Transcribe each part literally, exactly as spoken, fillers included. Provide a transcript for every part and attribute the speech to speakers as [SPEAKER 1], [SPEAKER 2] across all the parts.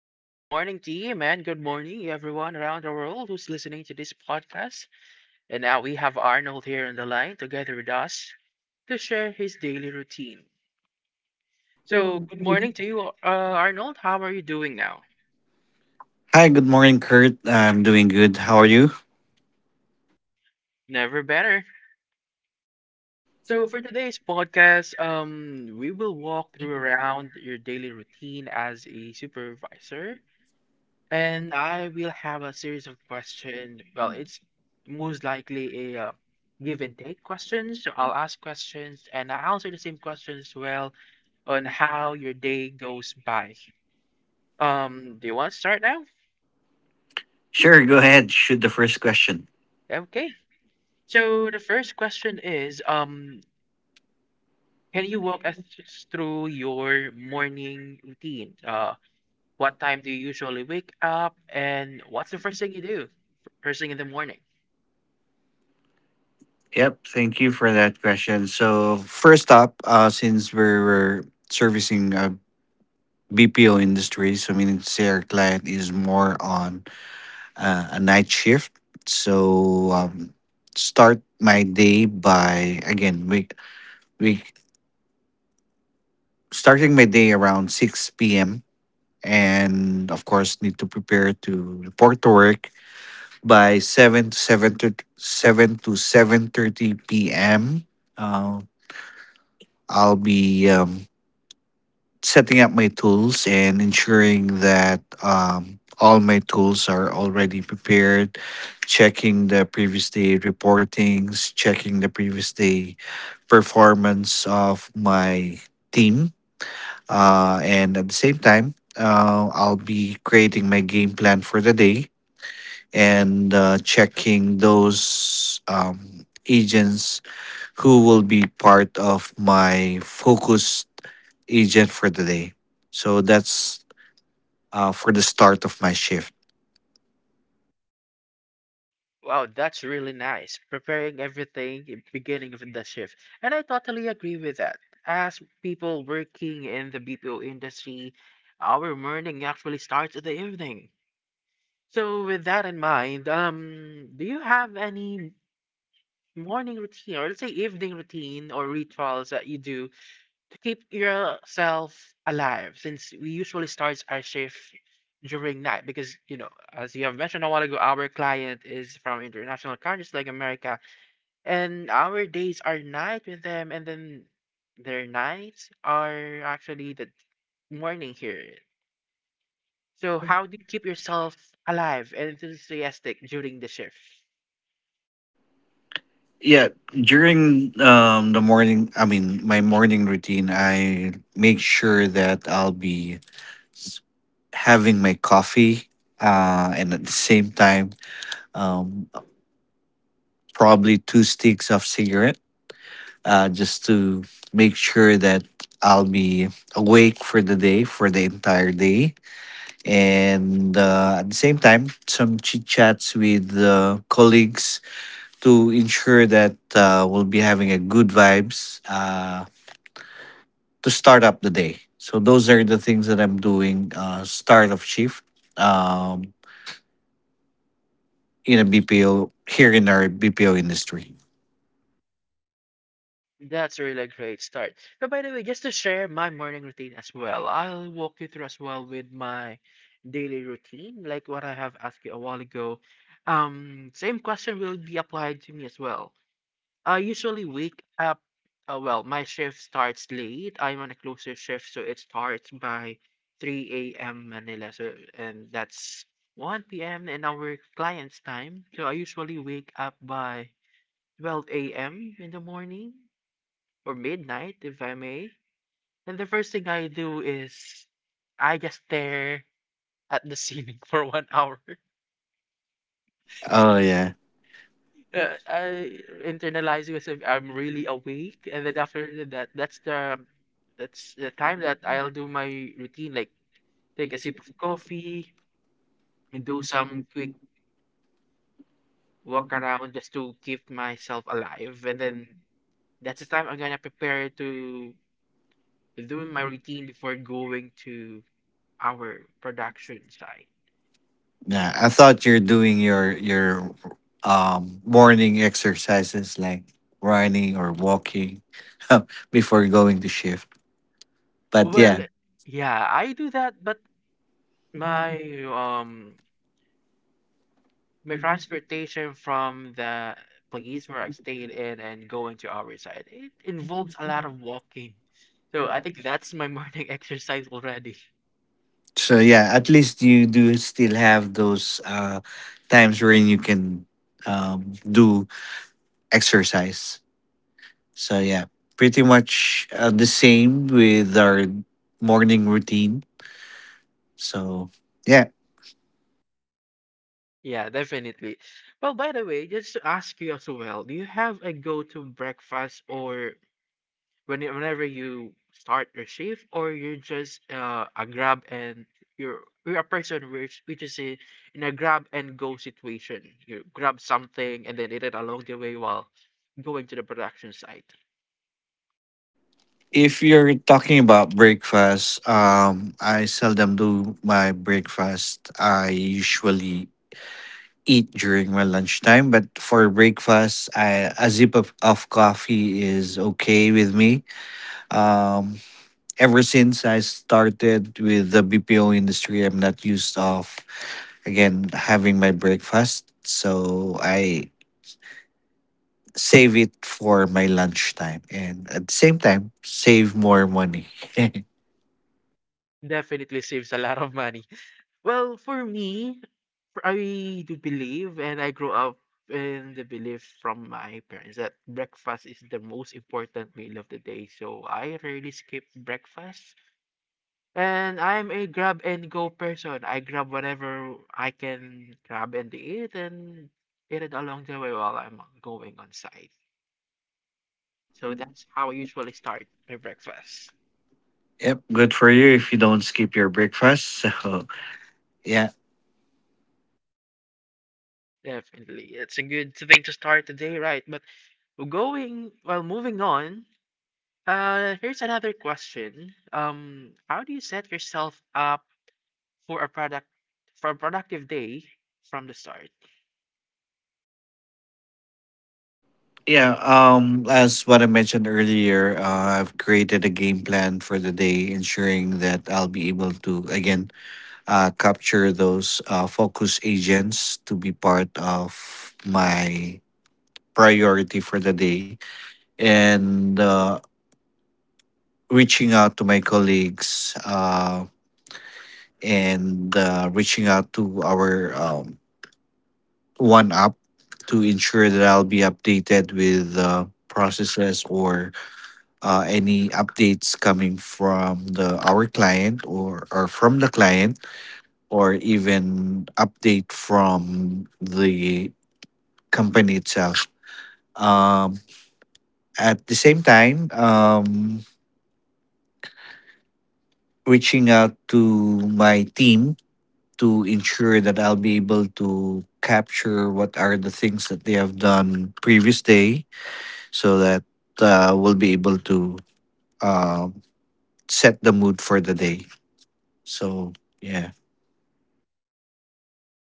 [SPEAKER 1] Hi, good morning to you, man. Good morning, everyone around the world who's listening to this podcast. And now we have Arnold here on the line together with us to share his daily routine. So, good morning to you, uh, Arnold. How are you doing now?
[SPEAKER 2] Hi, good morning, Kurt. I'm doing good. How are you?
[SPEAKER 1] Never better. So, for today's podcast, um, we will walk through around your daily routine as a supervisor. And I will have a series of questions. Well, it's most likely a uh, give and take questions. So I'll ask questions and I answer the same questions, as well, on how your day goes by. Um, do you want to start now?
[SPEAKER 2] Sure, go ahead. Shoot the first question.
[SPEAKER 1] Okay. So the first question is, um, can you walk us through your morning routine? Uh, what time do you usually wake up, and what's the first thing you do first thing in the morning?
[SPEAKER 2] Yep, thank you for that question. So, first up, uh, since we're, we're servicing a B P O industry, so meaning to say our client is more on uh, a night shift. So, um, start my day by, again, we, we starting my day around six p m. And of course, need to prepare to report to work by 7 to 7, thirty seven to seven thirty p m. Uh, I'll be um, setting up my tools and ensuring that um, all my tools are already prepared, checking the previous day reportings, checking the previous day performance of my team. Uh, and at the same time, uh, I'll be creating my game plan for the day and uh, checking those um, agents who will be part of my focused agent for the day. So that's uh, for the start of my shift.
[SPEAKER 1] Wow, that's really nice. Preparing everything beginning of the shift. And I totally agree with that. As people working in the B P O industry, our morning actually starts at the evening. So with that in mind, um, do you have any morning routine, or let's say evening routine or rituals, that you do to keep yourself alive, since we usually start our shift during night? Because, you know, as you have mentioned a while ago, our client is from international countries like America, and our days are night with them, and then their nights are actually the morning here. So how do you keep yourself alive and enthusiastic during the shift?
[SPEAKER 2] Yeah, during um, the morning, I mean, my morning routine, I make sure that I'll be s- having my coffee uh, and at the same time, um, probably two sticks of cigarette, uh, just to make sure that I'll be awake for the day, for the entire day. And uh, at the same time, some chit chats with uh, colleagues to ensure that uh, we'll be having a good vibes uh, to start up the day. So those are the things that I'm doing uh, start of shift, um, in a B P O here in our B P O industry.
[SPEAKER 1] That's a really great start. But, by the way, just to share my morning routine as well, I'll walk you through as well with my daily routine, like what I have asked you a while ago. um same question will be applied to me as well. I usually wake up. Uh, well, my shift starts late. I'm on a closer shift, so it starts by three a m. Manila. So, and that's one p m in our client's time. So I usually wake up by twelve a m in the morning, or midnight, if I may. And the first thing I do is I just stare at the ceiling for one hour.
[SPEAKER 2] Oh yeah.
[SPEAKER 1] Uh, I internalize it as if I'm really awake, and then after that, that's the that's the time that I'll do my routine, like take a sip of coffee, do some quick walk around just to keep myself alive, and then that's the time I'm gonna prepare to do my routine before going to our production site.
[SPEAKER 2] Yeah, I thought you're doing your your um morning exercises like running or walking before going to shift. But
[SPEAKER 1] Well,
[SPEAKER 2] yeah,
[SPEAKER 1] yeah, I do that, but my um my transportation from the place where I stayed in and going to our side, it involves a lot of walking. So I think that's my morning exercise already.
[SPEAKER 2] so yeah, at least you do still have those uh times wherein you can um do exercise. So yeah, pretty much uh, the same with our morning routine. So yeah.
[SPEAKER 1] Yeah, definitely. Well, by the way, just to ask you as well, do you have a go-to breakfast or when you- whenever you start your shift, or you're just uh, a grab and you're you're a person which which is in, in a grab and go situation. You grab something and then eat it along the way while going to the production site.
[SPEAKER 2] If you're talking about breakfast, um, I seldom do my breakfast. I usually eat during my lunchtime, but for breakfast, I, a sip of, of coffee is okay with me. Um, Ever since I started with the B P O industry, I'm not used of again having my breakfast, so I save it for my lunchtime, and at the same time, save more money.
[SPEAKER 1] Definitely saves a lot of money. Well, for me, for- I do believe and I grew up in the belief from my parents that breakfast is the most important meal of the day. So I rarely skip breakfast. And I'm a grab and go person. I grab whatever I can grab and eat, and eat it along the way while I'm going on site. So that's how I usually start my breakfast.
[SPEAKER 2] Yep, good for you if you don't skip your breakfast. So, yeah.
[SPEAKER 1] Definitely. It's a good thing to start the day, right? But going, well, moving on, uh, here's another question. Um, how do you set yourself up for a product for a productive day from the start?
[SPEAKER 2] Yeah, um as what I mentioned earlier, uh, I've created a game plan for the day, ensuring that I'll be able to again uh capture those uh focus agents to be part of my priority for the day, and uh reaching out to my colleagues, uh and uh, reaching out to our um, one up to ensure that I'll be updated with uh, processes or uh, any updates coming from the our client or or from the client or even update from the company itself. Um, at the same time, um, reaching out to my team to ensure that I'll be able to capture what are the things that they have done previous day so that uh, we'll be able to uh, set the mood for the day. So yeah.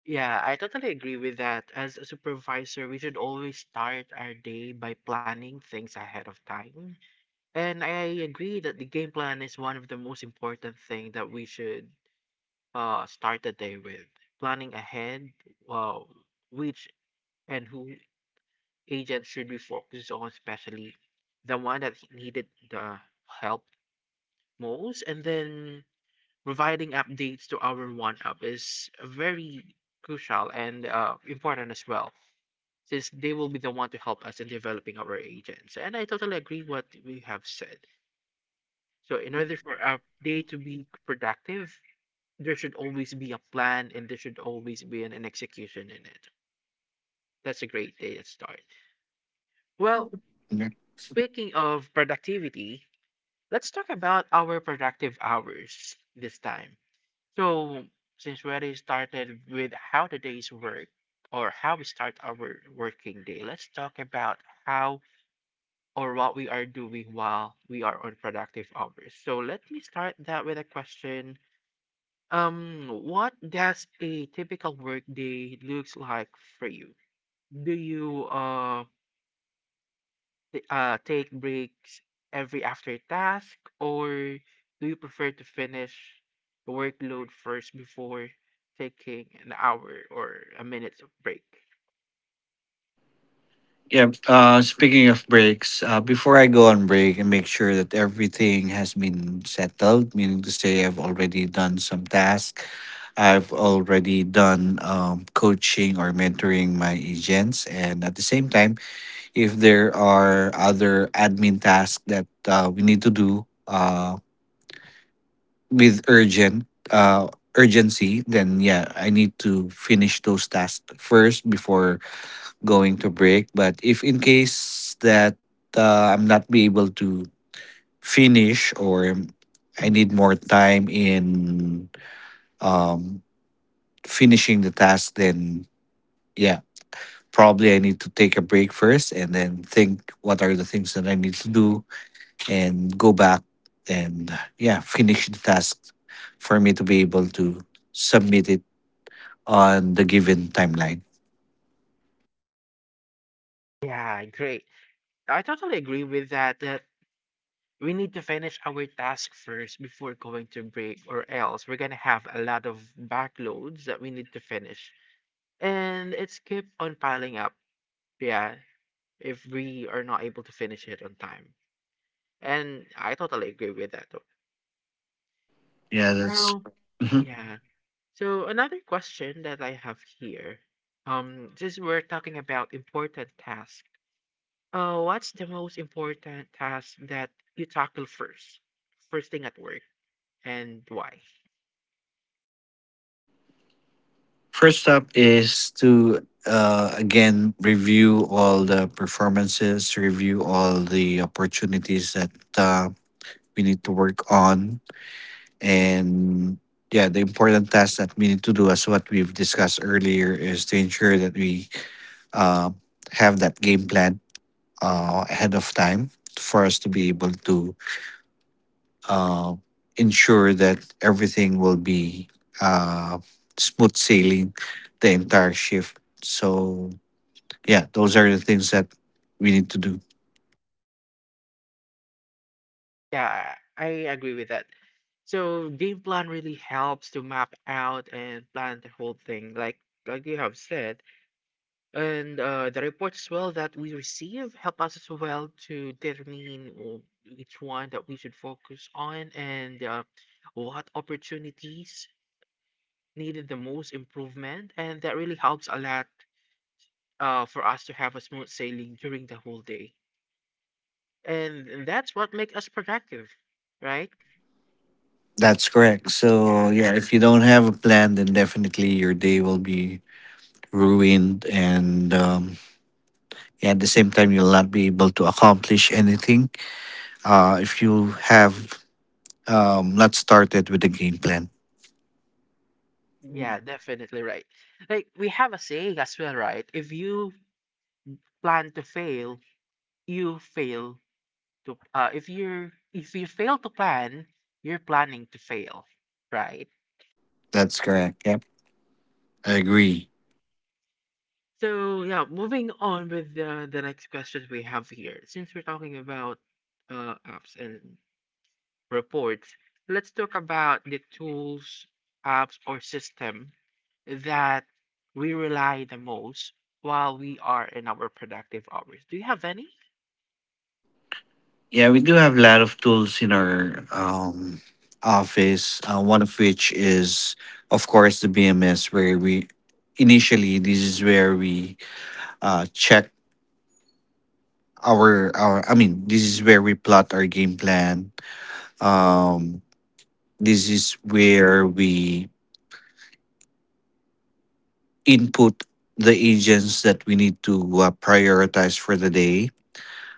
[SPEAKER 1] Yeah, I totally agree with that. As a supervisor, we should always start our day by planning things ahead of time. And I agree that the game plan is one of the most important thing that we should uh start the day with. Planning ahead, uh, which and who agents should we focus on, especially the one that needed the help most, and then providing updates to our one up is very crucial and uh, important as well, since they will be the one to help us in developing our agents. And I totally agree what we have said. So, in order for a day to be productive, there should always be a plan, and there should always be an, an execution in it. That's a great day to start. Well,
[SPEAKER 2] Okay.
[SPEAKER 1] speaking of productivity, let's talk about our productive hours this time. So, since we already started with how the days work, or how we start our working day, let's talk about how, or what we are doing while we are on productive hours. So, let me start that with a question. Um, what does a typical work day looks like for you? Do you uh t- uh, take breaks every after task, or do you prefer to finish the workload first before taking an hour or a minute of break?
[SPEAKER 2] Yeah. Uh, speaking of breaks, uh, before I go on break and make sure that everything has been settled, meaning to say I've already done some tasks, I've already done um, coaching or mentoring my agents, and at the same time, if there are other admin tasks that uh, we need to do. Uh, with urgent uh urgency, then yeah, I need to finish those tasks first before going to break. But if in case that uh, I'm not be able to finish, or I need more time in um finishing the task, then yeah, probably I need to take a break first and then think what are the things that I need to do and go back and yeah finish the task for me to be able to submit it on the given timeline.
[SPEAKER 1] Yeah, great. I totally agree with that. That we need to finish our task first before going to break, or else we're gonna have a lot of backloads that we need to finish, and it's keep on piling up. Yeah, if we are not able to finish it on time, and I totally agree with that.
[SPEAKER 2] Yeah, that's
[SPEAKER 1] Now,
[SPEAKER 2] mhm.
[SPEAKER 1] yeah. So another question that I have here. Um, since we're talking about important tasks, uh, what's the most important task that you tackle first, first thing at work, and why?
[SPEAKER 2] First up is to uh, again review all the performances, review all the opportunities that uh, we need to work on, and yeah, the important task that we need to do, as what we've discussed earlier, is to ensure that we uh, have that game plan uh, ahead of time for us to be able to uh, ensure that everything will be uh, smooth sailing the entire shift. So yeah, those are the things that we need to do.
[SPEAKER 1] Yeah, I agree with that. So game plan really helps to map out and plan the whole thing. Like like you have said, and uh, the reports as well that we receive help us as well to determine uh, which one that we should focus on, and uh, what opportunities needed the most improvement, and that really helps a lot uh, for us to have a smooth sailing during the whole day, and, and that's what makes us productive, right?
[SPEAKER 2] That's correct. So
[SPEAKER 1] Yeah,
[SPEAKER 2] yeah, if you don't have a plan, then definitely your day will be ruined, and um, yeah, at the same time, you'll not be able to accomplish anything uh, if you have um, not started with a game plan.
[SPEAKER 1] yeah, definitely, right? Like we have a saying as well, right? If you plan to fail, you fail to uh, if you're if you fail to plan, you're planning to fail, right?
[SPEAKER 2] That's correct. Yep, I agree.
[SPEAKER 1] So yeah, moving on with the, the next question we have here. Since we're talking about uh, apps and reports, let's talk about the tools, apps, or system that we rely the most while we are in our productive hours. Do you have any?
[SPEAKER 2] Yeah, we do have a lot of tools in our um, office. Uh, one of which is, of course, the B M S, where we initially this is where we uh, check our our. I mean, this is where we plot our game plan. Um, this is where we input the agents that we need to uh, prioritize for the day.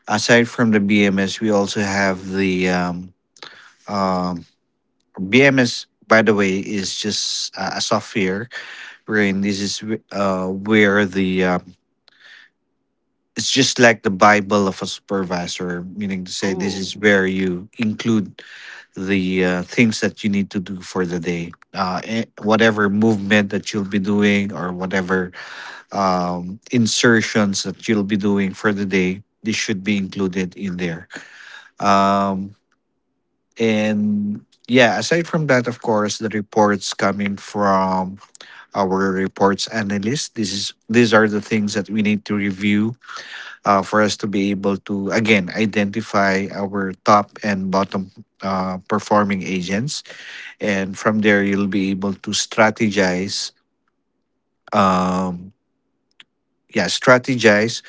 [SPEAKER 2] Aside from the B M S, we also have the um, um, B M S, by the way, is just uh, a software wherein this is wh- uh, where the um, it's just like the Bible of a supervisor, meaning to say this
[SPEAKER 1] Oh,
[SPEAKER 2] is where you include the uh, things that you need to do for the day, uh, eh, whatever movement that you'll be doing or whatever um, insertions that you'll be doing for the day. This should be included in there. Um, And yeah, aside from that, of course, the reports coming from our reports analyst. This is These are the things that we need to review uh, for us to be able to again identify our top and bottom uh, performing agents, and from there you'll be able to strategize. Um, yeah, strategize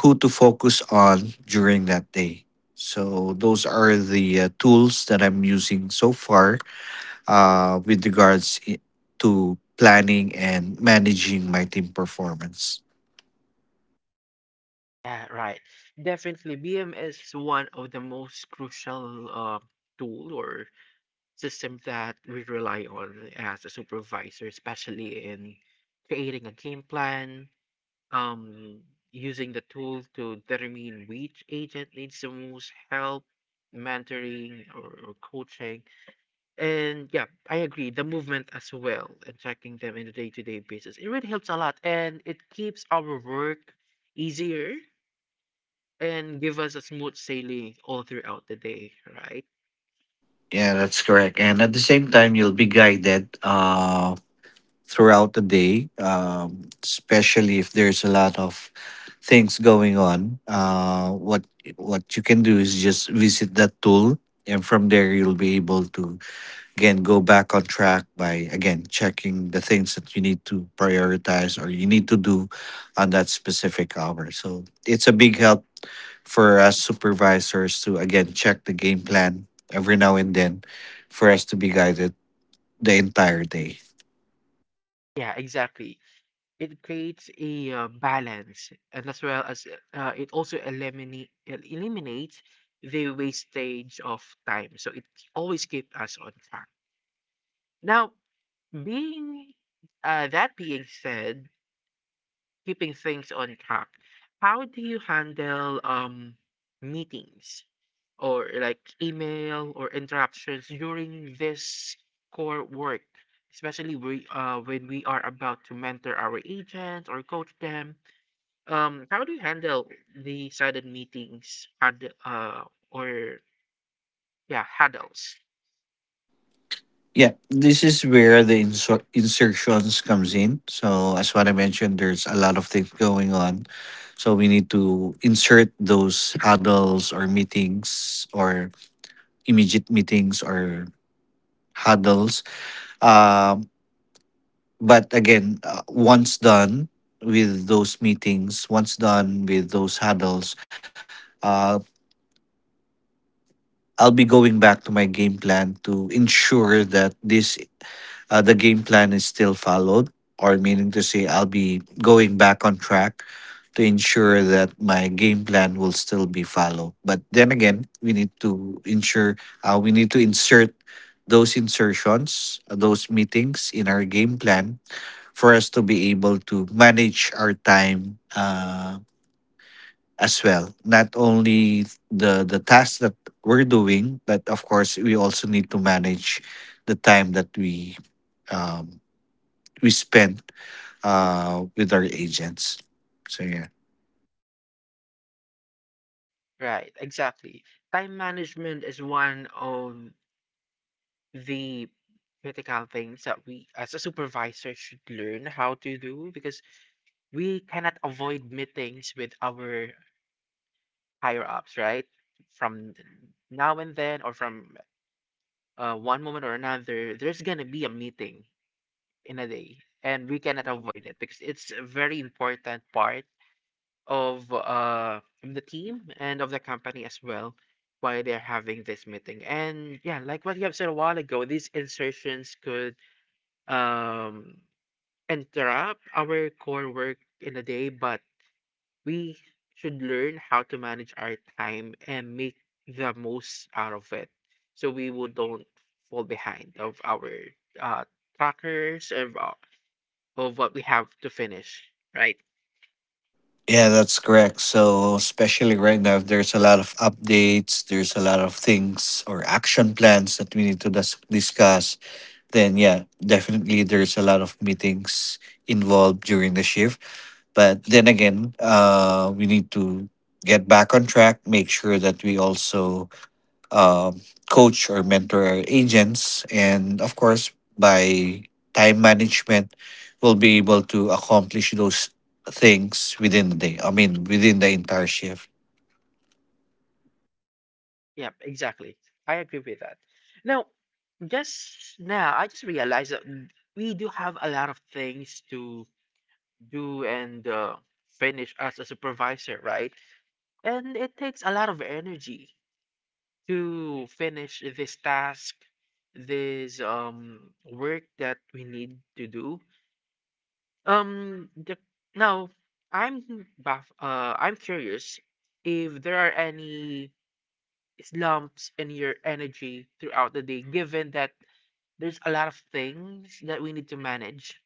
[SPEAKER 2] who to focus on during that day. So those are the uh, tools that I'm using so far uh, with regards i- to planning and managing my team performance.
[SPEAKER 1] yeah, right. Definitely, B M is one of the most crucial uh, tool or system that we rely on as a supervisor, especially in creating a game plan, um, using the tool to determine which agent needs the most help, mentoring or, or coaching. And yeah, I agree, the movement as well, and tracking them in a day to day basis. It really helps a lot, and it keeps our work easier, and give us a smooth sailing all throughout the day, right?
[SPEAKER 2] Yeah, that's correct. And at the same time, you'll be guided uh, throughout the day, um, especially if there's a lot of things going on. Uh, what what you can do is just visit that tool, and from there you'll be able to again go back on track by again checking the things that you need to prioritize or you need to do on that specific hour. So it's a big help for us supervisors to again check the game plan every now and then for us to be guided the entire day.
[SPEAKER 1] Yeah, exactly. It creates a uh, balance, and as well as uh, it also eliminate el- eliminates the wastage of time, so it always keeps us on track. Now, being uh, that being said, keeping things on track, how do you handle um meetings or like email or interruptions during this core work, especially we, uh, when we are about to mentor our agents or coach them? um, how do you handle the sudden meetings had uh, or yeah, huddles?
[SPEAKER 2] Yeah, this is where the insert insertions comes in. So as what I mentioned, there's a lot of things going on. So we need to insert those huddles or meetings or immediate meetings or huddles. Um, but again, uh, once done with those meetings, once done with those huddles, uh, I'll be going back to my game plan to ensure that this uh, the game plan is still followed, or meaning to say, I'll be going back on track to ensure that my game plan will still be followed. But then again, we need to ensure, uh, we need to insert those insertions, uh, those meetings in our game plan for us to be able to manage our time uh, as well. Not only the the tasks that we're doing, but of course, we also need to manage the time that we um, we spent uh with our agents. So yeah.
[SPEAKER 1] Right, exactly. Time management is one of the critical things that we as a supervisor should learn how to do, because we cannot avoid meetings with our higher ups, right? From now and then, or from uh, one moment or another, there's gonna be a meeting in a day, and we cannot avoid it because it's a very important part of uh of the team and of the company as well, why they're having this meeting. And yeah, like what you have said a while ago, these insertions could um interrupt our core work in a day, but we should learn how to manage our time and make the most out of it, so we will don't fall behind of our uh trackers of, uh, of what we have to finish, right?
[SPEAKER 2] Yeah, that's correct. So especially right now, if there's a lot of updates, there's a lot of things or action plans that we need to dis- discuss. Then yeah, definitely there's a lot of meetings involved during the shift. But then again, uh, we need to get back on track. Make sure that we also um, coach or mentor agents, and of course, by time management, we'll be able to accomplish those things within the day. I mean, within the entire shift.
[SPEAKER 1] Yeah, exactly. I agree with that. Now, just now, I just realized that we do have a lot of things to do and uh, finish as a supervisor, right? And it takes a lot of energy to finish this task, this um work that we need to do. Um, the, now, I'm baff- uh I'm curious if there are any slumps in your energy throughout the day, given that there's a lot of things that we need to manage.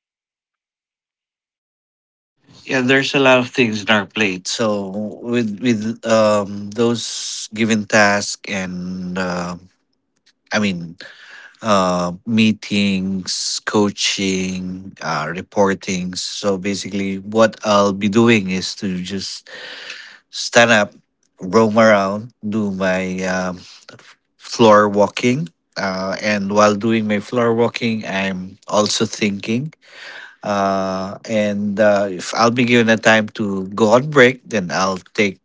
[SPEAKER 2] Yeah, there's a lot of things in our plate. So with with um those given tasks and uh, I mean uh, meetings, coaching, uh, reportings. So basically, what I'll be doing is to just stand up, roam around, do my um, floor walking. Uh, and while doing my floor walking, I'm also thinking. Uh, and uh, If I'll be given a time to go on break, then I'll take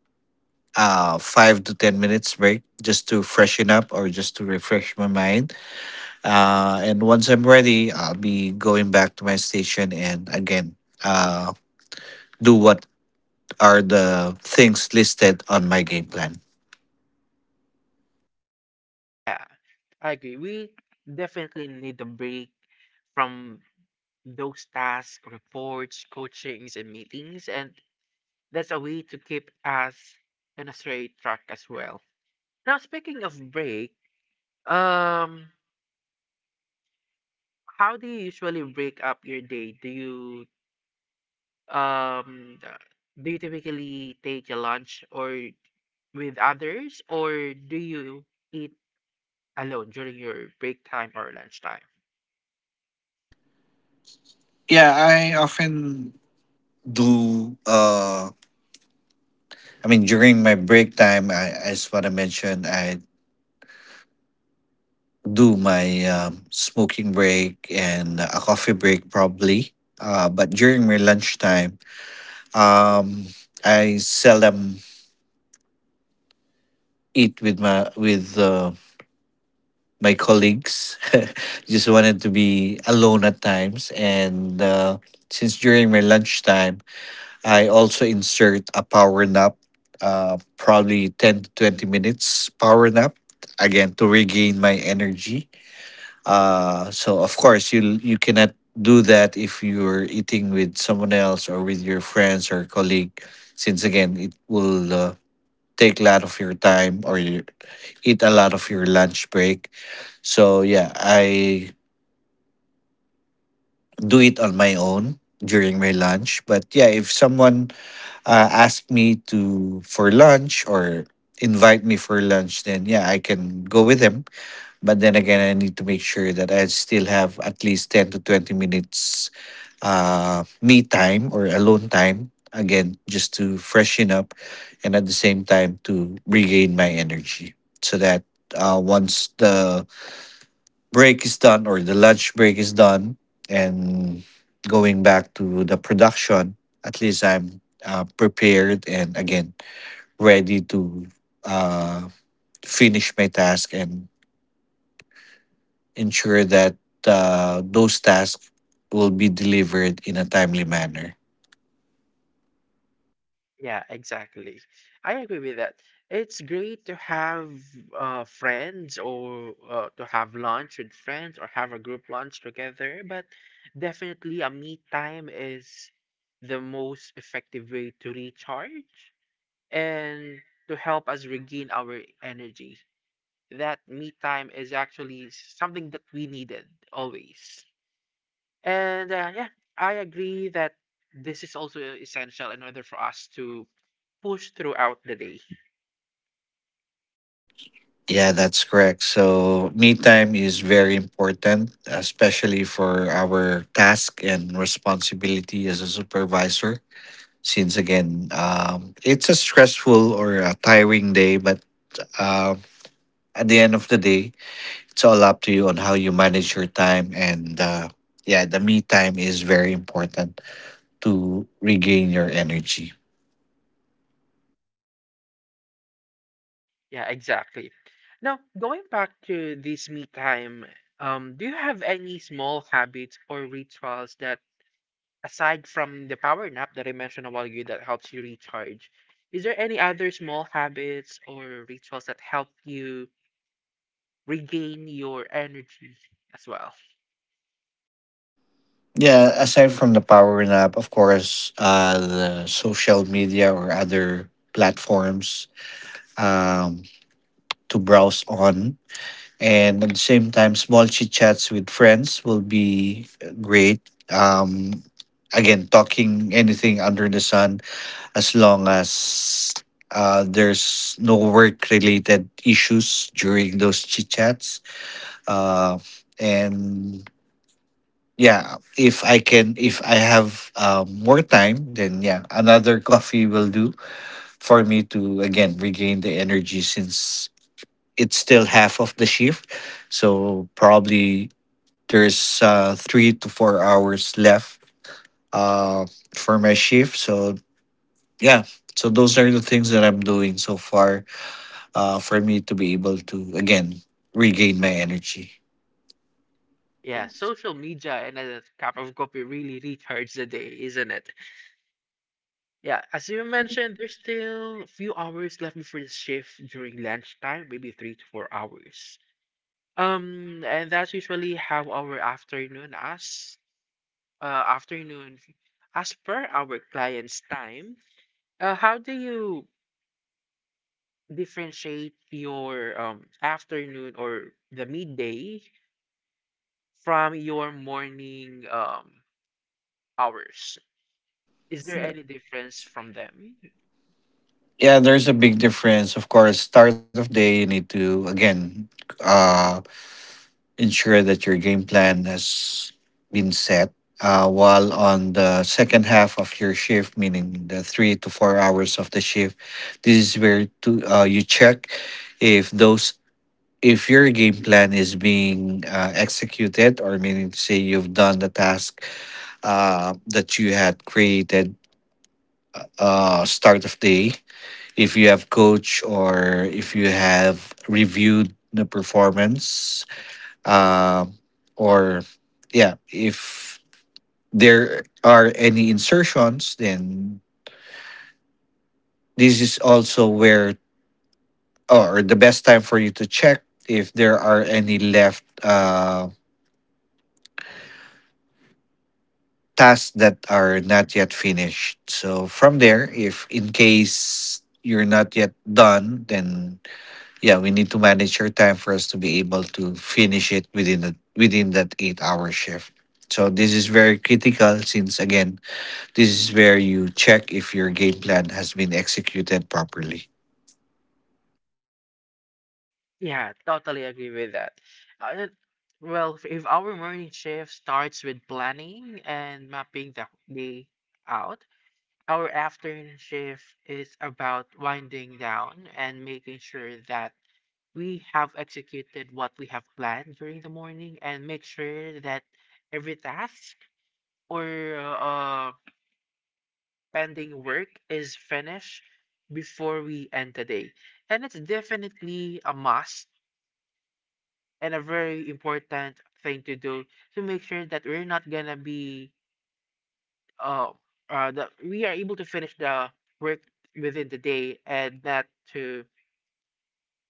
[SPEAKER 2] uh, five to ten minutes break just to freshen up or just to refresh my mind. Uh, and once I'm ready, I'll be going back to my station and again uh, do what are the things listed on my game plan.
[SPEAKER 1] Yeah, I agree. We definitely need a break from those tasks, reports, coachings, and meetings, and that's a way to keep us in a straight track as well. Now, speaking of break, um, how do you usually break up your day? Do you um do you typically take a lunch or with others, or do you eat alone during your break time or lunchtime?
[SPEAKER 2] Yeah, I often do. Uh, I mean, during my break time, I, as what I mentioned, I do my um, smoking break and a coffee break probably. Uh, but during my lunchtime, um, I seldom eat with my with uh, my colleagues. Just wanted to be alone at times, and uh, since during my lunchtime. I also insert a power nap, uh, probably ten to twenty minutes power nap, again, to regain my energy. Uh, so, of course, you you cannot do that if you're eating with someone else or with your friends or colleague, since, again, it will uh, take a lot of your time or you eat a lot of your lunch break. So, yeah, I do it on my own during my lunch. But, yeah, if someone uh, ask me to for lunch or invite me for lunch, then yeah, I can go with him. But then again, I need to make sure that I still have at least ten to twenty minutes uh, me time or alone time. Again, just to freshen up, and at the same time to regain my energy, so that uh, once the break is done or the lunch break is done and going back to the production, at least I'm uh, prepared and again ready to uh, finish my task and ensure that uh, those tasks will be delivered in a timely manner.
[SPEAKER 1] Yeah, exactly, I agree with that. It's great to have uh, friends, or uh, to have lunch with friends or have a group lunch together, but definitely a me time is the most effective way to recharge and to help us regain our energy. That me time is actually something that we needed always. And uh, yeah, I agree that this is also essential in order for us to push throughout the day.
[SPEAKER 2] Yeah, that's correct. So, me time is very important, especially for our task and responsibility as a supervisor since again um, it's a stressful or a tiring day but um, at the end of the day, it's all up to you on how you manage your time and uh, yeah, the me time is very important to regain your energy.
[SPEAKER 1] Yeah, exactly. Now, going back to this me time, um, do you have any small habits or rituals that, aside from the power nap that I mentioned a while ago, that helps you recharge? Is there any other small habits or rituals that help you regain your energy as well?
[SPEAKER 2] Yeah, aside from the power nap, of course, uh, the social media or other platforms, um, to browse on, and at the same time small chit chats with friends will be uh, great. um Again, talking anything under the sun, as long as uh, there's no work related issues during those chit chats. uh, and yeah, if i can if i have um, more time, then yeah, another coffee will do for me to again regain the energy, since it's still half of the shift. So probably there's uh, three to four hours left uh, for my shift. So, yeah. So, those are the things that I'm doing so far, uh, for me to be able to, again, regain my energy.
[SPEAKER 1] Yeah, social media and a cup of coffee really recharges the day, isn't it? Yeah, as you mentioned, there's still a few hours left before the shift during lunchtime, maybe three to four hours. Um, and that's usually how our afternoon as uh afternoon as per our client's time. Uh, how do you differentiate your um afternoon or the midday from your morning um hours? Is there any difference from them?
[SPEAKER 2] Yeah, there's a big difference. Of course, start of day, you need to, again, uh, ensure that your game plan has been set. Uh, while on the second half of your shift, meaning the three to four hours of the shift, this is where to uh, you check if those if your game plan is being uh, executed, or meaning to say you've done the task uh, that you had created uh, start of day. If you have coach or if you have reviewed the performance, um, or yeah, if there are any insertions, then this is also where or the best time for you to check if there are any left uh, tasks that are
[SPEAKER 1] Mhm.
[SPEAKER 2] not yet finished. So from there, if in case you're not yet done, then yeah, we need to manage your time for us to be able to finish it within the within that eight hour shift. So this is very critical since again this is where you check if your game plan has been executed properly.
[SPEAKER 1] Yeah, totally agree with that. Uh, well, if if our morning shift starts with planning and mapping the day out, our afternoon shift is about winding down and making sure that we have executed what we have planned during the morning, and make sure that every task or uh, pending work is finished before we end today. And it's definitely a must and a very important thing to do, to make sure that we're not gonna be uh, uh that we are able to finish the work within the day and not to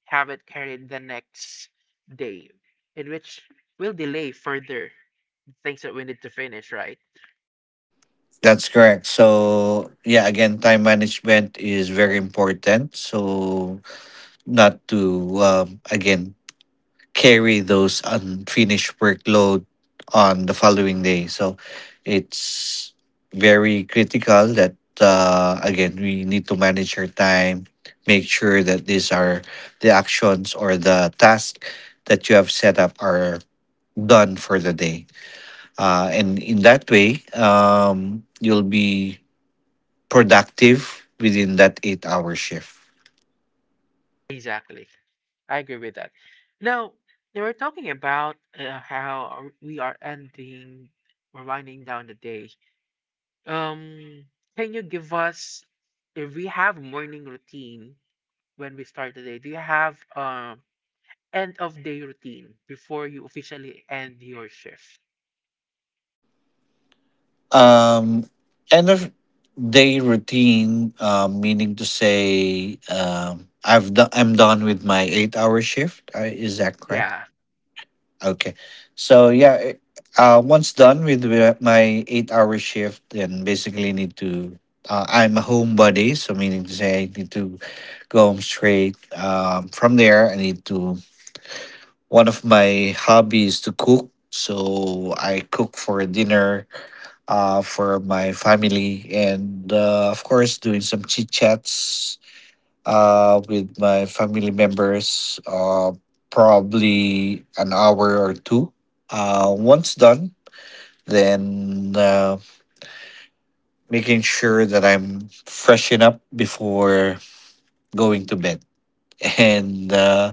[SPEAKER 1] have it carried the next day, in which will delay further things that we need to finish, right?
[SPEAKER 2] That's correct. So, yeah, again, time management is very important. So, not to, um, again, carry those unfinished workload on the following day. So, it's very critical that, uh, again, we need to manage our time, make sure that these are the actions or the tasks that you have set up are done for the day. Uh, and in that way um, you'll be productive within that eight hour shift.
[SPEAKER 1] Exactly. I agree with that. Now, they were talking about uh, how we are ending, we're winding down the day. Um, can you give us, if we have morning routine when we start the day, do you have um end of day routine before you officially end your shift?
[SPEAKER 2] um, End of day routine, um, meaning to say um, i've done i'm done with my eight hour shift, uh, is that correct?
[SPEAKER 1] Yeah,
[SPEAKER 2] Yeah. Okay, so yeah it- uh, once done with the- my eight hour shift, then basically need to uh, I'm a homebody, so meaning to say I need to go home straight. Um, from there I need to one of my hobbies to cook. So I cook for dinner uh, for my family, and uh, of course doing some chit chats uh, with my family members, uh, probably an hour or two. Uh, once done, then uh, making sure that I'm freshen up before going to bed. And uh,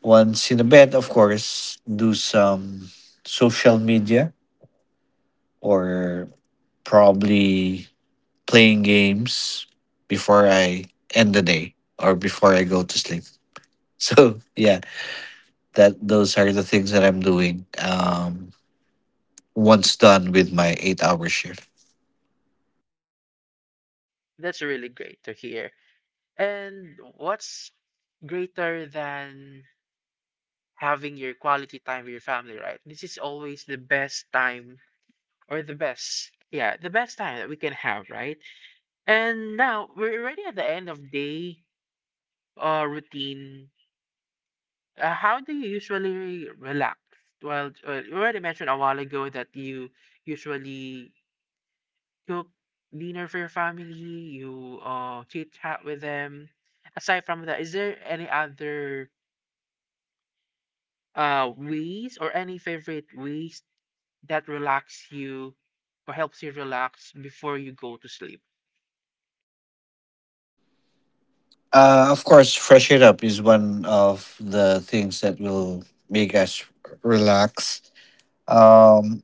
[SPEAKER 2] once in the bed, of course, do some social media or probably playing games before I end the day or before I go to sleep. So yeah, that those are the things that I'm doing. Um, once done with my eight-hour shift.
[SPEAKER 1] that's really great to hear. And what's greater than having your quality time with your family, right? This is always the best time, or the best, yeah, the best time that we can have, right? And now we're already at the end of day uh routine. Uh, how do you usually relax? Well, uh, you already mentioned a while ago that you usually cook dinner for your family, you uh chit chat with them. Aside from that, is there any other uh ways or any favorite ways that relax you or helps you relax before you go to sleep?
[SPEAKER 2] Uh, of course, fresh it up is one of the things that will make us relax. Um,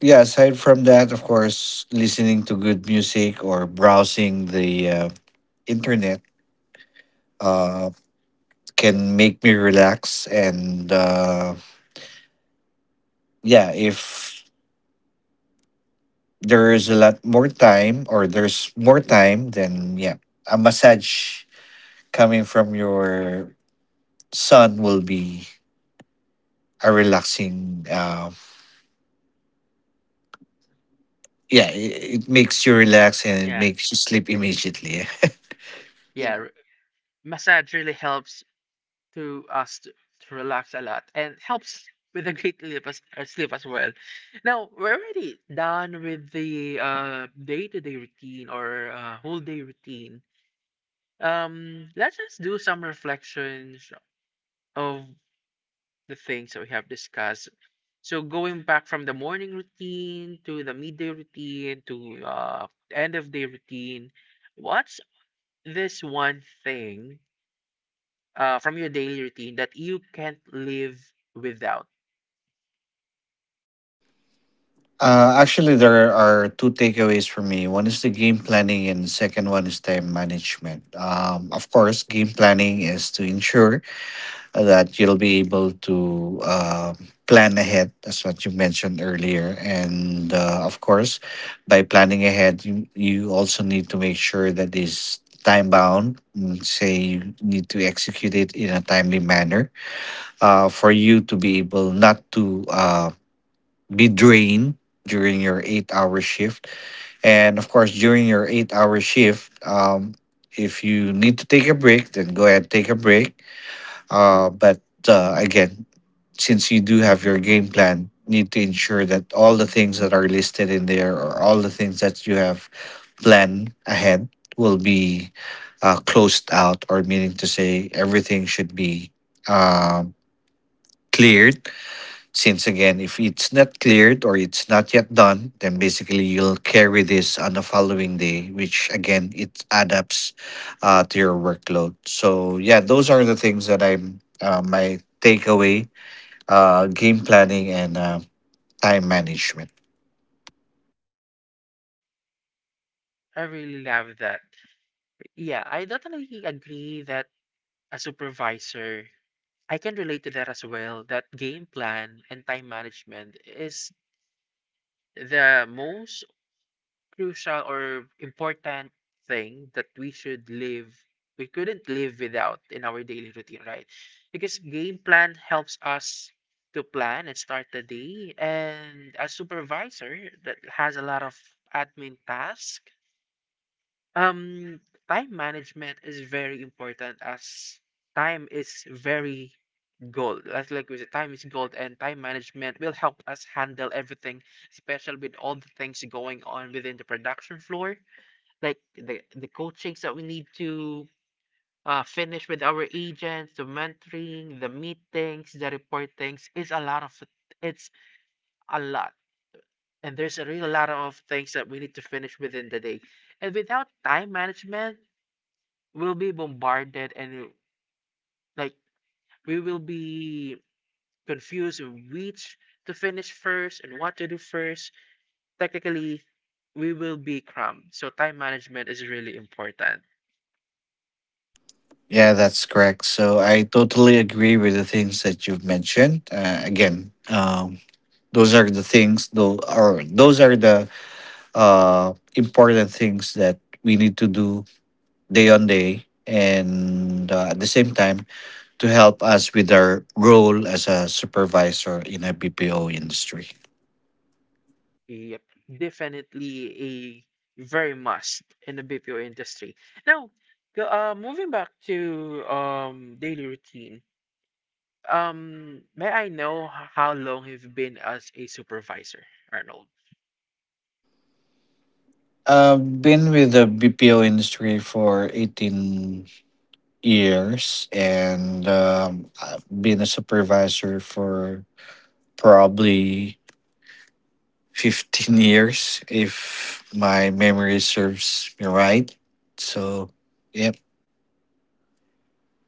[SPEAKER 2] yeah, aside from that, of course, listening to good music or browsing the uh, internet uh, can make me relax. And uh yeah, if there is a lot more time or there's more time, then yeah, a massage coming from your son will be a relaxing uh yeah, it, it makes you relax and it
[SPEAKER 1] Yeah,
[SPEAKER 2] makes you sleep immediately.
[SPEAKER 1] yeah, massage really helps to us to, to relax a lot and helps with a great sleep as, uh, sleep as well. Now, we're already done with the uh, day-to-day routine, or uh, whole day routine. Um, let's just do some reflections of the things that we have discussed. So going back from the morning routine to the midday routine to uh, end of day routine, what's this one thing uh, from your daily routine that you can't live without?
[SPEAKER 2] Uh actually, there are two takeaways for me. One is the game planning and the second one is time management. Um of course, game planning is to ensure that you'll be able to uh, plan ahead, as what you mentioned earlier. And uh, of course, by planning ahead, you, you also need to make sure that is time bound. Mm, say you need to execute it in a timely manner uh, for you to be able not to uh, be drained during your eight hour shift. And of course, during your eight hour shift, um, if you need to take a break, then go ahead take a break, uh, but uh, again, since you do have your game plan, need to ensure that all the things that are listed in there or all the things that you have planned ahead will be uh, closed out, or meaning to say, everything should be um cleared, since again, if it's not cleared or it's not yet done, then basically you'll carry this on the following day, which again it adapts uh, to your workload. So yeah, those are the things that I'm uh, my takeaway: uh, game planning and uh, time management.
[SPEAKER 1] I really love that. Yeah, I definitely agree that a supervisor, I can relate to that as well, that game plan and time management is the most crucial or important thing that we should live, we couldn't live without in our daily routine, right? Because game plan helps us to plan and start the day, and as supervisor that has a lot of admin tasks, um, time management is very important as time is very gold. That's, like we said, time is gold, and time management will help us handle everything, especially with all the things going on within the production floor, like the the coachings that we need to uh, finish with our agents, the mentoring, the meetings, the reportings. It's a lot of, it's a lot, and there's a real lot of things that we need to finish within the day. And without time management we'll be bombarded and uh, like we will be confused of which to finish first and what to do first. Technically, we will be cramped. So time management is really important.
[SPEAKER 2] Yeah, that's correct. So I totally agree with the things that you've mentioned. Uh, again, um, Those are the things, though, or those are the uh, important things that we need to do day on day, and uh, at the same time to help us with our role as a supervisor in a B P O industry.
[SPEAKER 1] Yep. Definitely a very must in the B P O industry. Now, go- uh, moving back to um daily routine. Um, may I know h- how long you've been as a supervisor, Arnold?
[SPEAKER 2] I've been with the B P O industry for eighteen years, and um, I've been a supervisor for probably fifteen years if my memory serves me right. So, yep.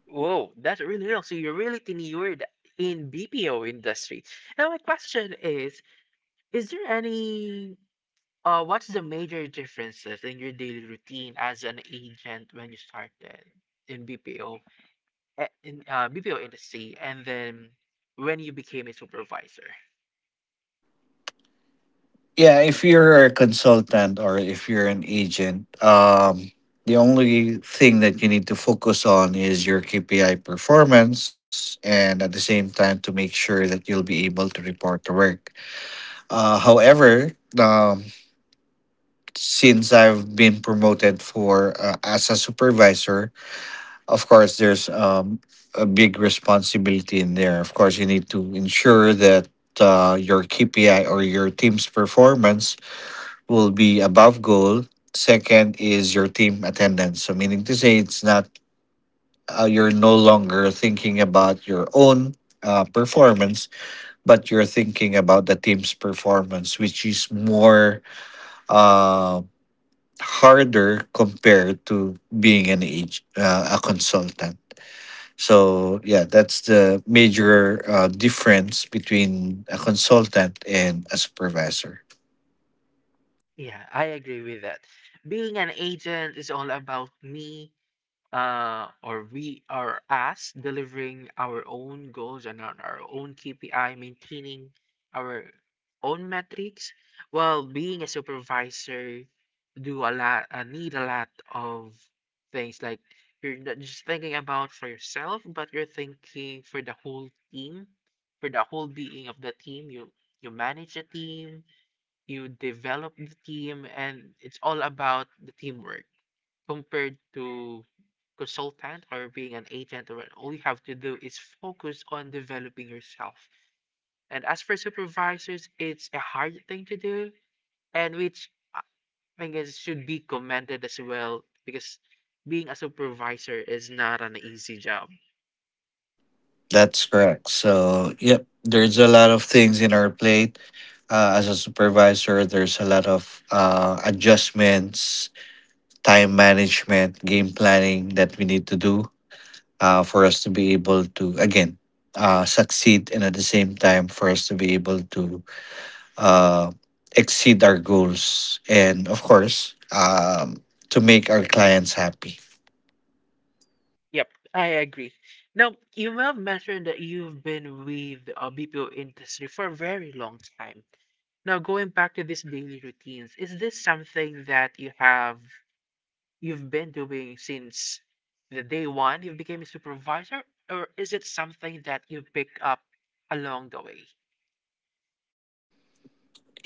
[SPEAKER 1] Whoa, that's really real. So you're really tenured in B P O industry. Now my question is, is there any uh what's the major differences in your daily routine as an agent when you started in B P O eh, in uh, B P O industry, and then when you became a supervisor?
[SPEAKER 2] Yeah, if you're a consultant or if you're an agent, um, the only thing that you need to focus on is your K P I performance and at the same time to make sure that you'll be able to report to work. Uh, however, um, since I've been promoted for uh, as a supervisor, of course, there's um, a big responsibility in there. Of course, you need to ensure that uh, your K P I or your team's performance will be above goal. Second is your team attendance. So, meaning to say, it's not uh, you're no longer thinking about your own uh, performance, but you're thinking about the team's performance, which is more uh, harder compared to being an age uh, a consultant. So, yeah, that's the major uh, difference between a consultant and a supervisor.
[SPEAKER 1] Yeah, I agree with that. Being an agent is all about me, uh, or we are us delivering our own goals and on our own K P I, maintaining our own metrics, while being a supervisor, do a lot, uh, need a lot of things like you're not just thinking about for yourself, but you're thinking for the whole team, for the whole being of the team. You you manage the team, you develop the team, and it's all about the teamwork, compared to consultant or being an agent, or all you have to do is focus on developing yourself. And as for supervisors, it's a hard thing to do, and which I think is should be commended as well, because being a supervisor is not an easy job.
[SPEAKER 2] That's correct. So, yep, there's a lot of things in our plate. Uh, as a supervisor, there's a lot of uh, adjustments, time management, game planning that we need to do uh, for us to be able to, again, uh, succeed and at the same time for us to be able to uh, exceed our goals. And of course, um, to make our clients happy.
[SPEAKER 1] Yep, I agree. Now, you have mentioned that you've been with the uh, BPO industry for a very long time. Now, going back to these daily routines, is this something that you have you've been doing since the day one you became a supervisor, or is it something that you pick up along the way?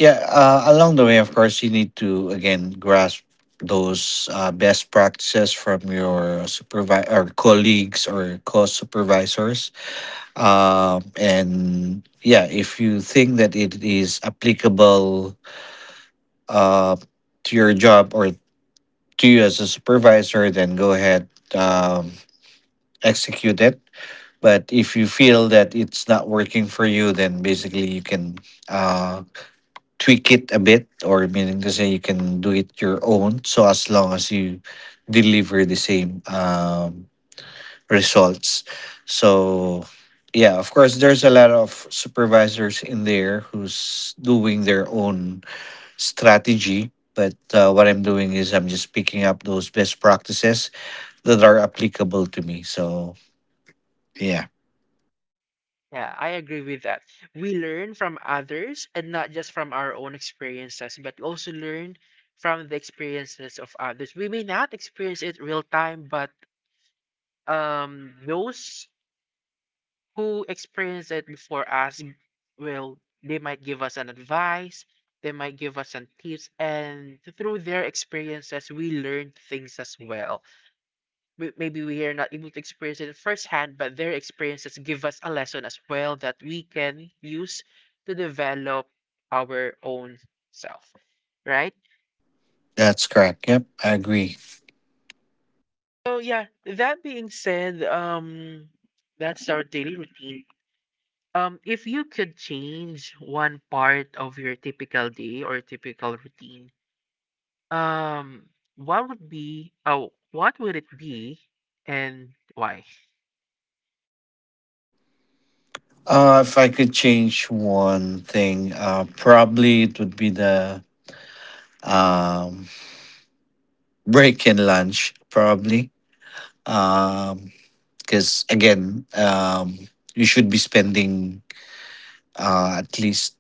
[SPEAKER 2] Yeah, uh, along the way, of course, you need to again grasp those uh, best practices from your supervisor or colleagues or co-supervisors. Um, and yeah, if you think that it is applicable uh, to your job or to you as a supervisor, then go ahead um, execute it. But if you feel that it's not working for you, then basically you can. uh, Tweak it a bit, or meaning to say you can do it your own. So as long as you deliver the same um, results. So yeah, of course, there's a lot of supervisors in there who's doing their own strategy. But uh, what I'm doing is I'm just picking up those best practices that are applicable to me. So yeah,
[SPEAKER 1] Yeah, I agree with that. We learn from others, and not just from our own experiences, but also learn from the experiences of others. We may not experience it real time, but um those who experienced it before us will, they might give us an advice, they might give us some tips, and through their experiences we learn things as well. We, maybe we are not able to experience it firsthand, but their experiences give us a lesson as well that we can use to develop our own self, right?
[SPEAKER 2] that's correct. Yep, I agree.
[SPEAKER 1] So yeah, that being said, um that's our daily routine. Um, if you could change one part of your typical day or typical routine, um, what would be, oh, what would it be and why?
[SPEAKER 2] Uh, if I could change one thing, uh, probably it would be the um, break and lunch probably because again um, you should be spending uh, at least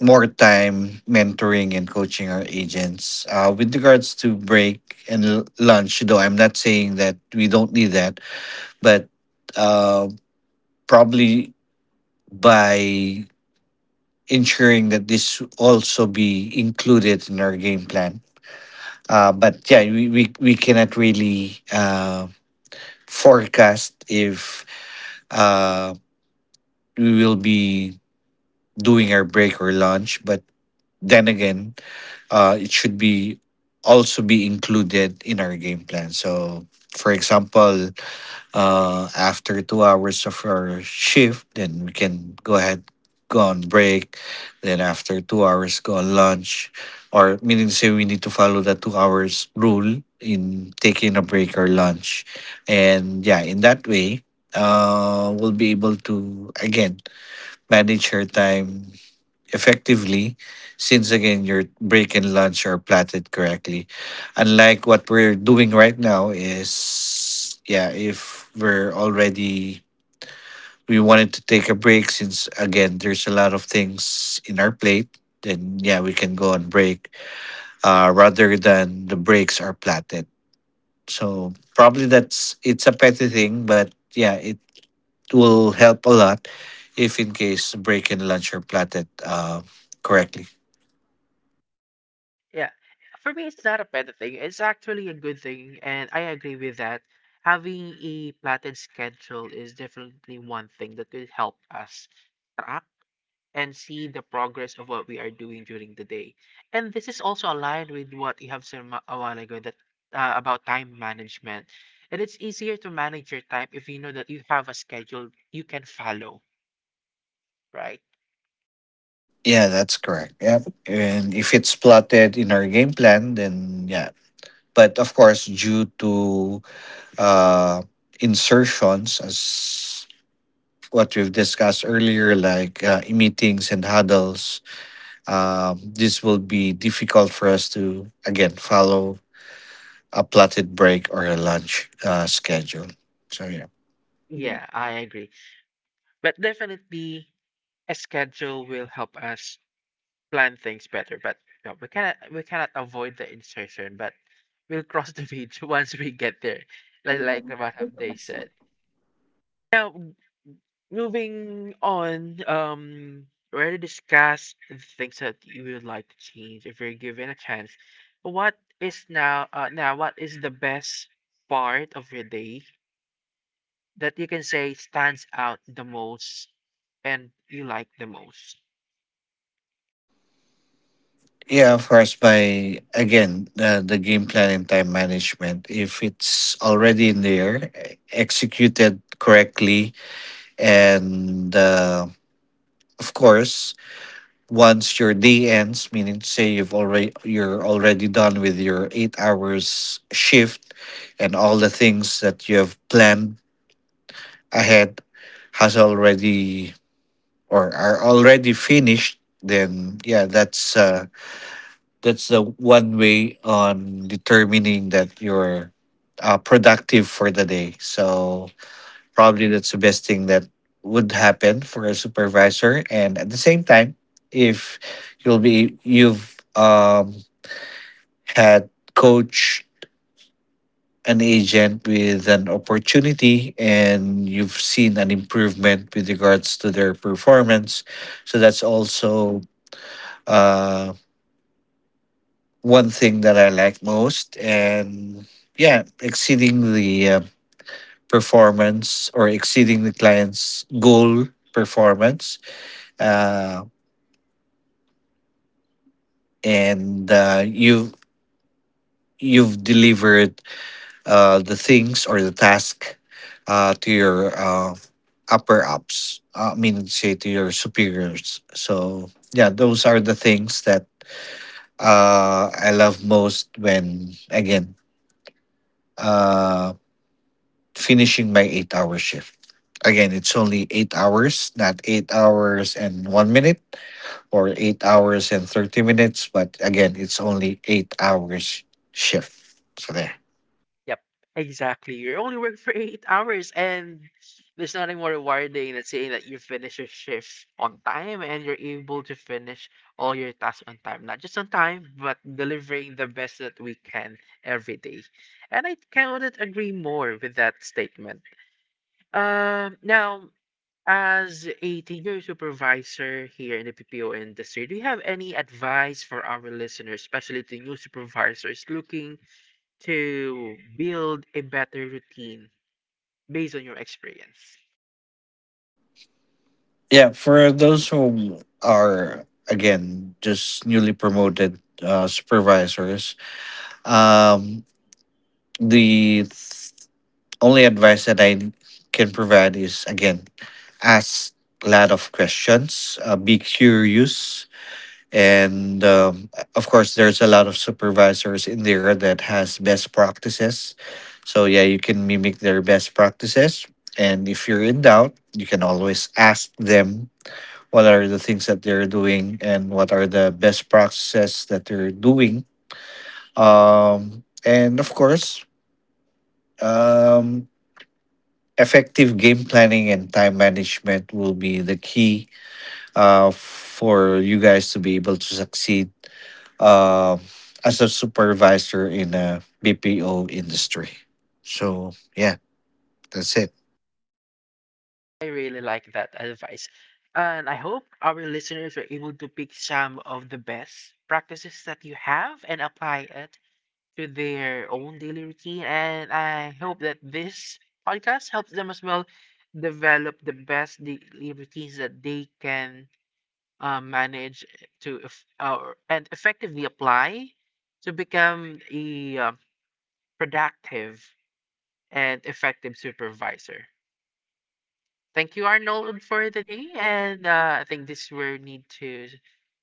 [SPEAKER 2] more time mentoring and coaching our agents uh, with regards to break and l- lunch, though I'm not saying that we don't need that. But uh, probably by ensuring that this also be included in our game plan. Uh, but yeah, we, we, we cannot really uh, forecast if uh, we will be doing our break or lunch. But then again, uh, it should be also be included in our game plan. So, for example, uh, after two hours of our shift, then we can go ahead, go on break. Then after two hours, go on lunch. Or meaning to say we need to follow the two hours rule in taking a break or lunch. And yeah, in that way, uh, we'll be able to again manage her time effectively, since again your break and lunch are platted correctly. Unlike what we're doing right now is yeah, if we're already we wanted to take a break since again there's a lot of things in our plate, then yeah, we can go on break. Uh rather than the breaks are platted. So probably that's it's a petty thing, but yeah, it will help a lot if in case break and lunch are platted uh, correctly.
[SPEAKER 1] Yeah, for me, it's not a bad thing. It's actually a good thing, and I agree with that. Having a plotted schedule is definitely one thing that could help us and see the progress of what we are doing during the day. And this is also aligned with what you have said ma- a while ago that uh, about time management. And it's easier to manage your time if you know that you have a schedule you can follow, right?
[SPEAKER 2] Yeah, that's correct. Yep. And if it's plotted in our game plan, then yeah. But of course, due to uh, insertions, as what we've discussed earlier, like uh, meetings and huddles, um, this will be difficult for us to, again, follow a plotted break or a lunch uh, schedule. So, yeah.
[SPEAKER 1] Yeah, I agree. But definitely a schedule will help us plan things better. But you know, we cannot, we cannot avoid the insertion, but we'll cross the bridge once we get there. Like like what have they said. Now, moving on, um, already discussed the things that you would like to change if you're given a chance. But what is now, uh, now what is the best part of your day that you can say stands out the most and you like the most?
[SPEAKER 2] Yeah, of course. By again, uh, the game plan and time management. If it's already in there, e- executed correctly, and uh, of course, once your day ends, meaning to say you've already you're already done with your eight hours shift, and all the things that you have planned ahead has already or are already finished. Then yeah, that's uh, that's the one way on determining that you're uh, productive for the day. So probably that's the best thing that would happen for a supervisor. And at the same time, if you'll be you've um, had coach an agent with an opportunity and you've seen an improvement with regards to their performance, so that's also uh, one thing that I like most, and yeah, exceeding the uh, performance or exceeding the client's goal performance, uh, and uh, you you've delivered uh, the things or the task uh, to your uh, upper ups. uh, I mean, say to your superiors. So yeah, those are the things that uh, I love most when again. Uh, Finishing my eight hour shift. Again, it's only eight hours, not eight hours and one minute or eight hours and thirty minutes, but again, it's only eight hours shift. So, there.
[SPEAKER 1] Yep, exactly. You only work for eight hours, and there's nothing more rewarding than saying that you finish your shift on time and you're able to finish all your tasks on time. Not just on time, but delivering the best that we can every day. And I cannot agree more with that statement. Um, now, as a senior supervisor here in the P P O industry, do you have any advice for our listeners, especially to new supervisors looking to build a better routine based on your experience?
[SPEAKER 2] Yeah, for those who are, again, just newly promoted uh, supervisors, um, the th- only advice that I can provide is again, ask a lot of questions, uh, be curious, and um, of course there's a lot of supervisors in there that has best practices, so yeah, you can mimic their best practices. And if you're in doubt, you can always ask them what are the things that they're doing and what are the best practices that they're doing. Um, and of course, um, effective game planning and time management will be the key uh, for you guys to be able to succeed um as a supervisor in a B P O industry. So yeah, that's it.
[SPEAKER 1] I really like that advice. And I hope our listeners are able to pick some of the best practices that you have and apply it to their own daily routine. And I hope that this podcast helps them as well, develop the best daily routines that they can uh, manage to eff- uh, and effectively apply to become a uh, productive and effective supervisor. Thank you, Arnold, for the day. And uh, I think this will need to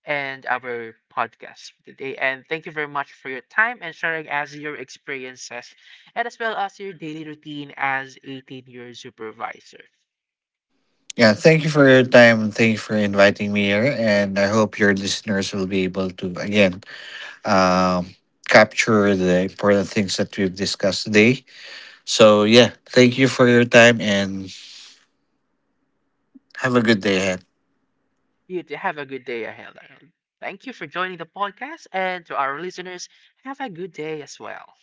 [SPEAKER 1] end our podcast for today. And thank you very much for your time and sharing as your experiences, and as well as your daily routine as eighteen year supervisor.
[SPEAKER 2] Yeah, thank you for your time and thank you for inviting me here. And I hope your listeners will be able to again um, capture the important things that we've discussed today. So yeah, thank you for your time and have a good day ahead.
[SPEAKER 1] You to have a good day ahead, Arnold. Thank you for joining the podcast. And to our listeners, have a good day as well.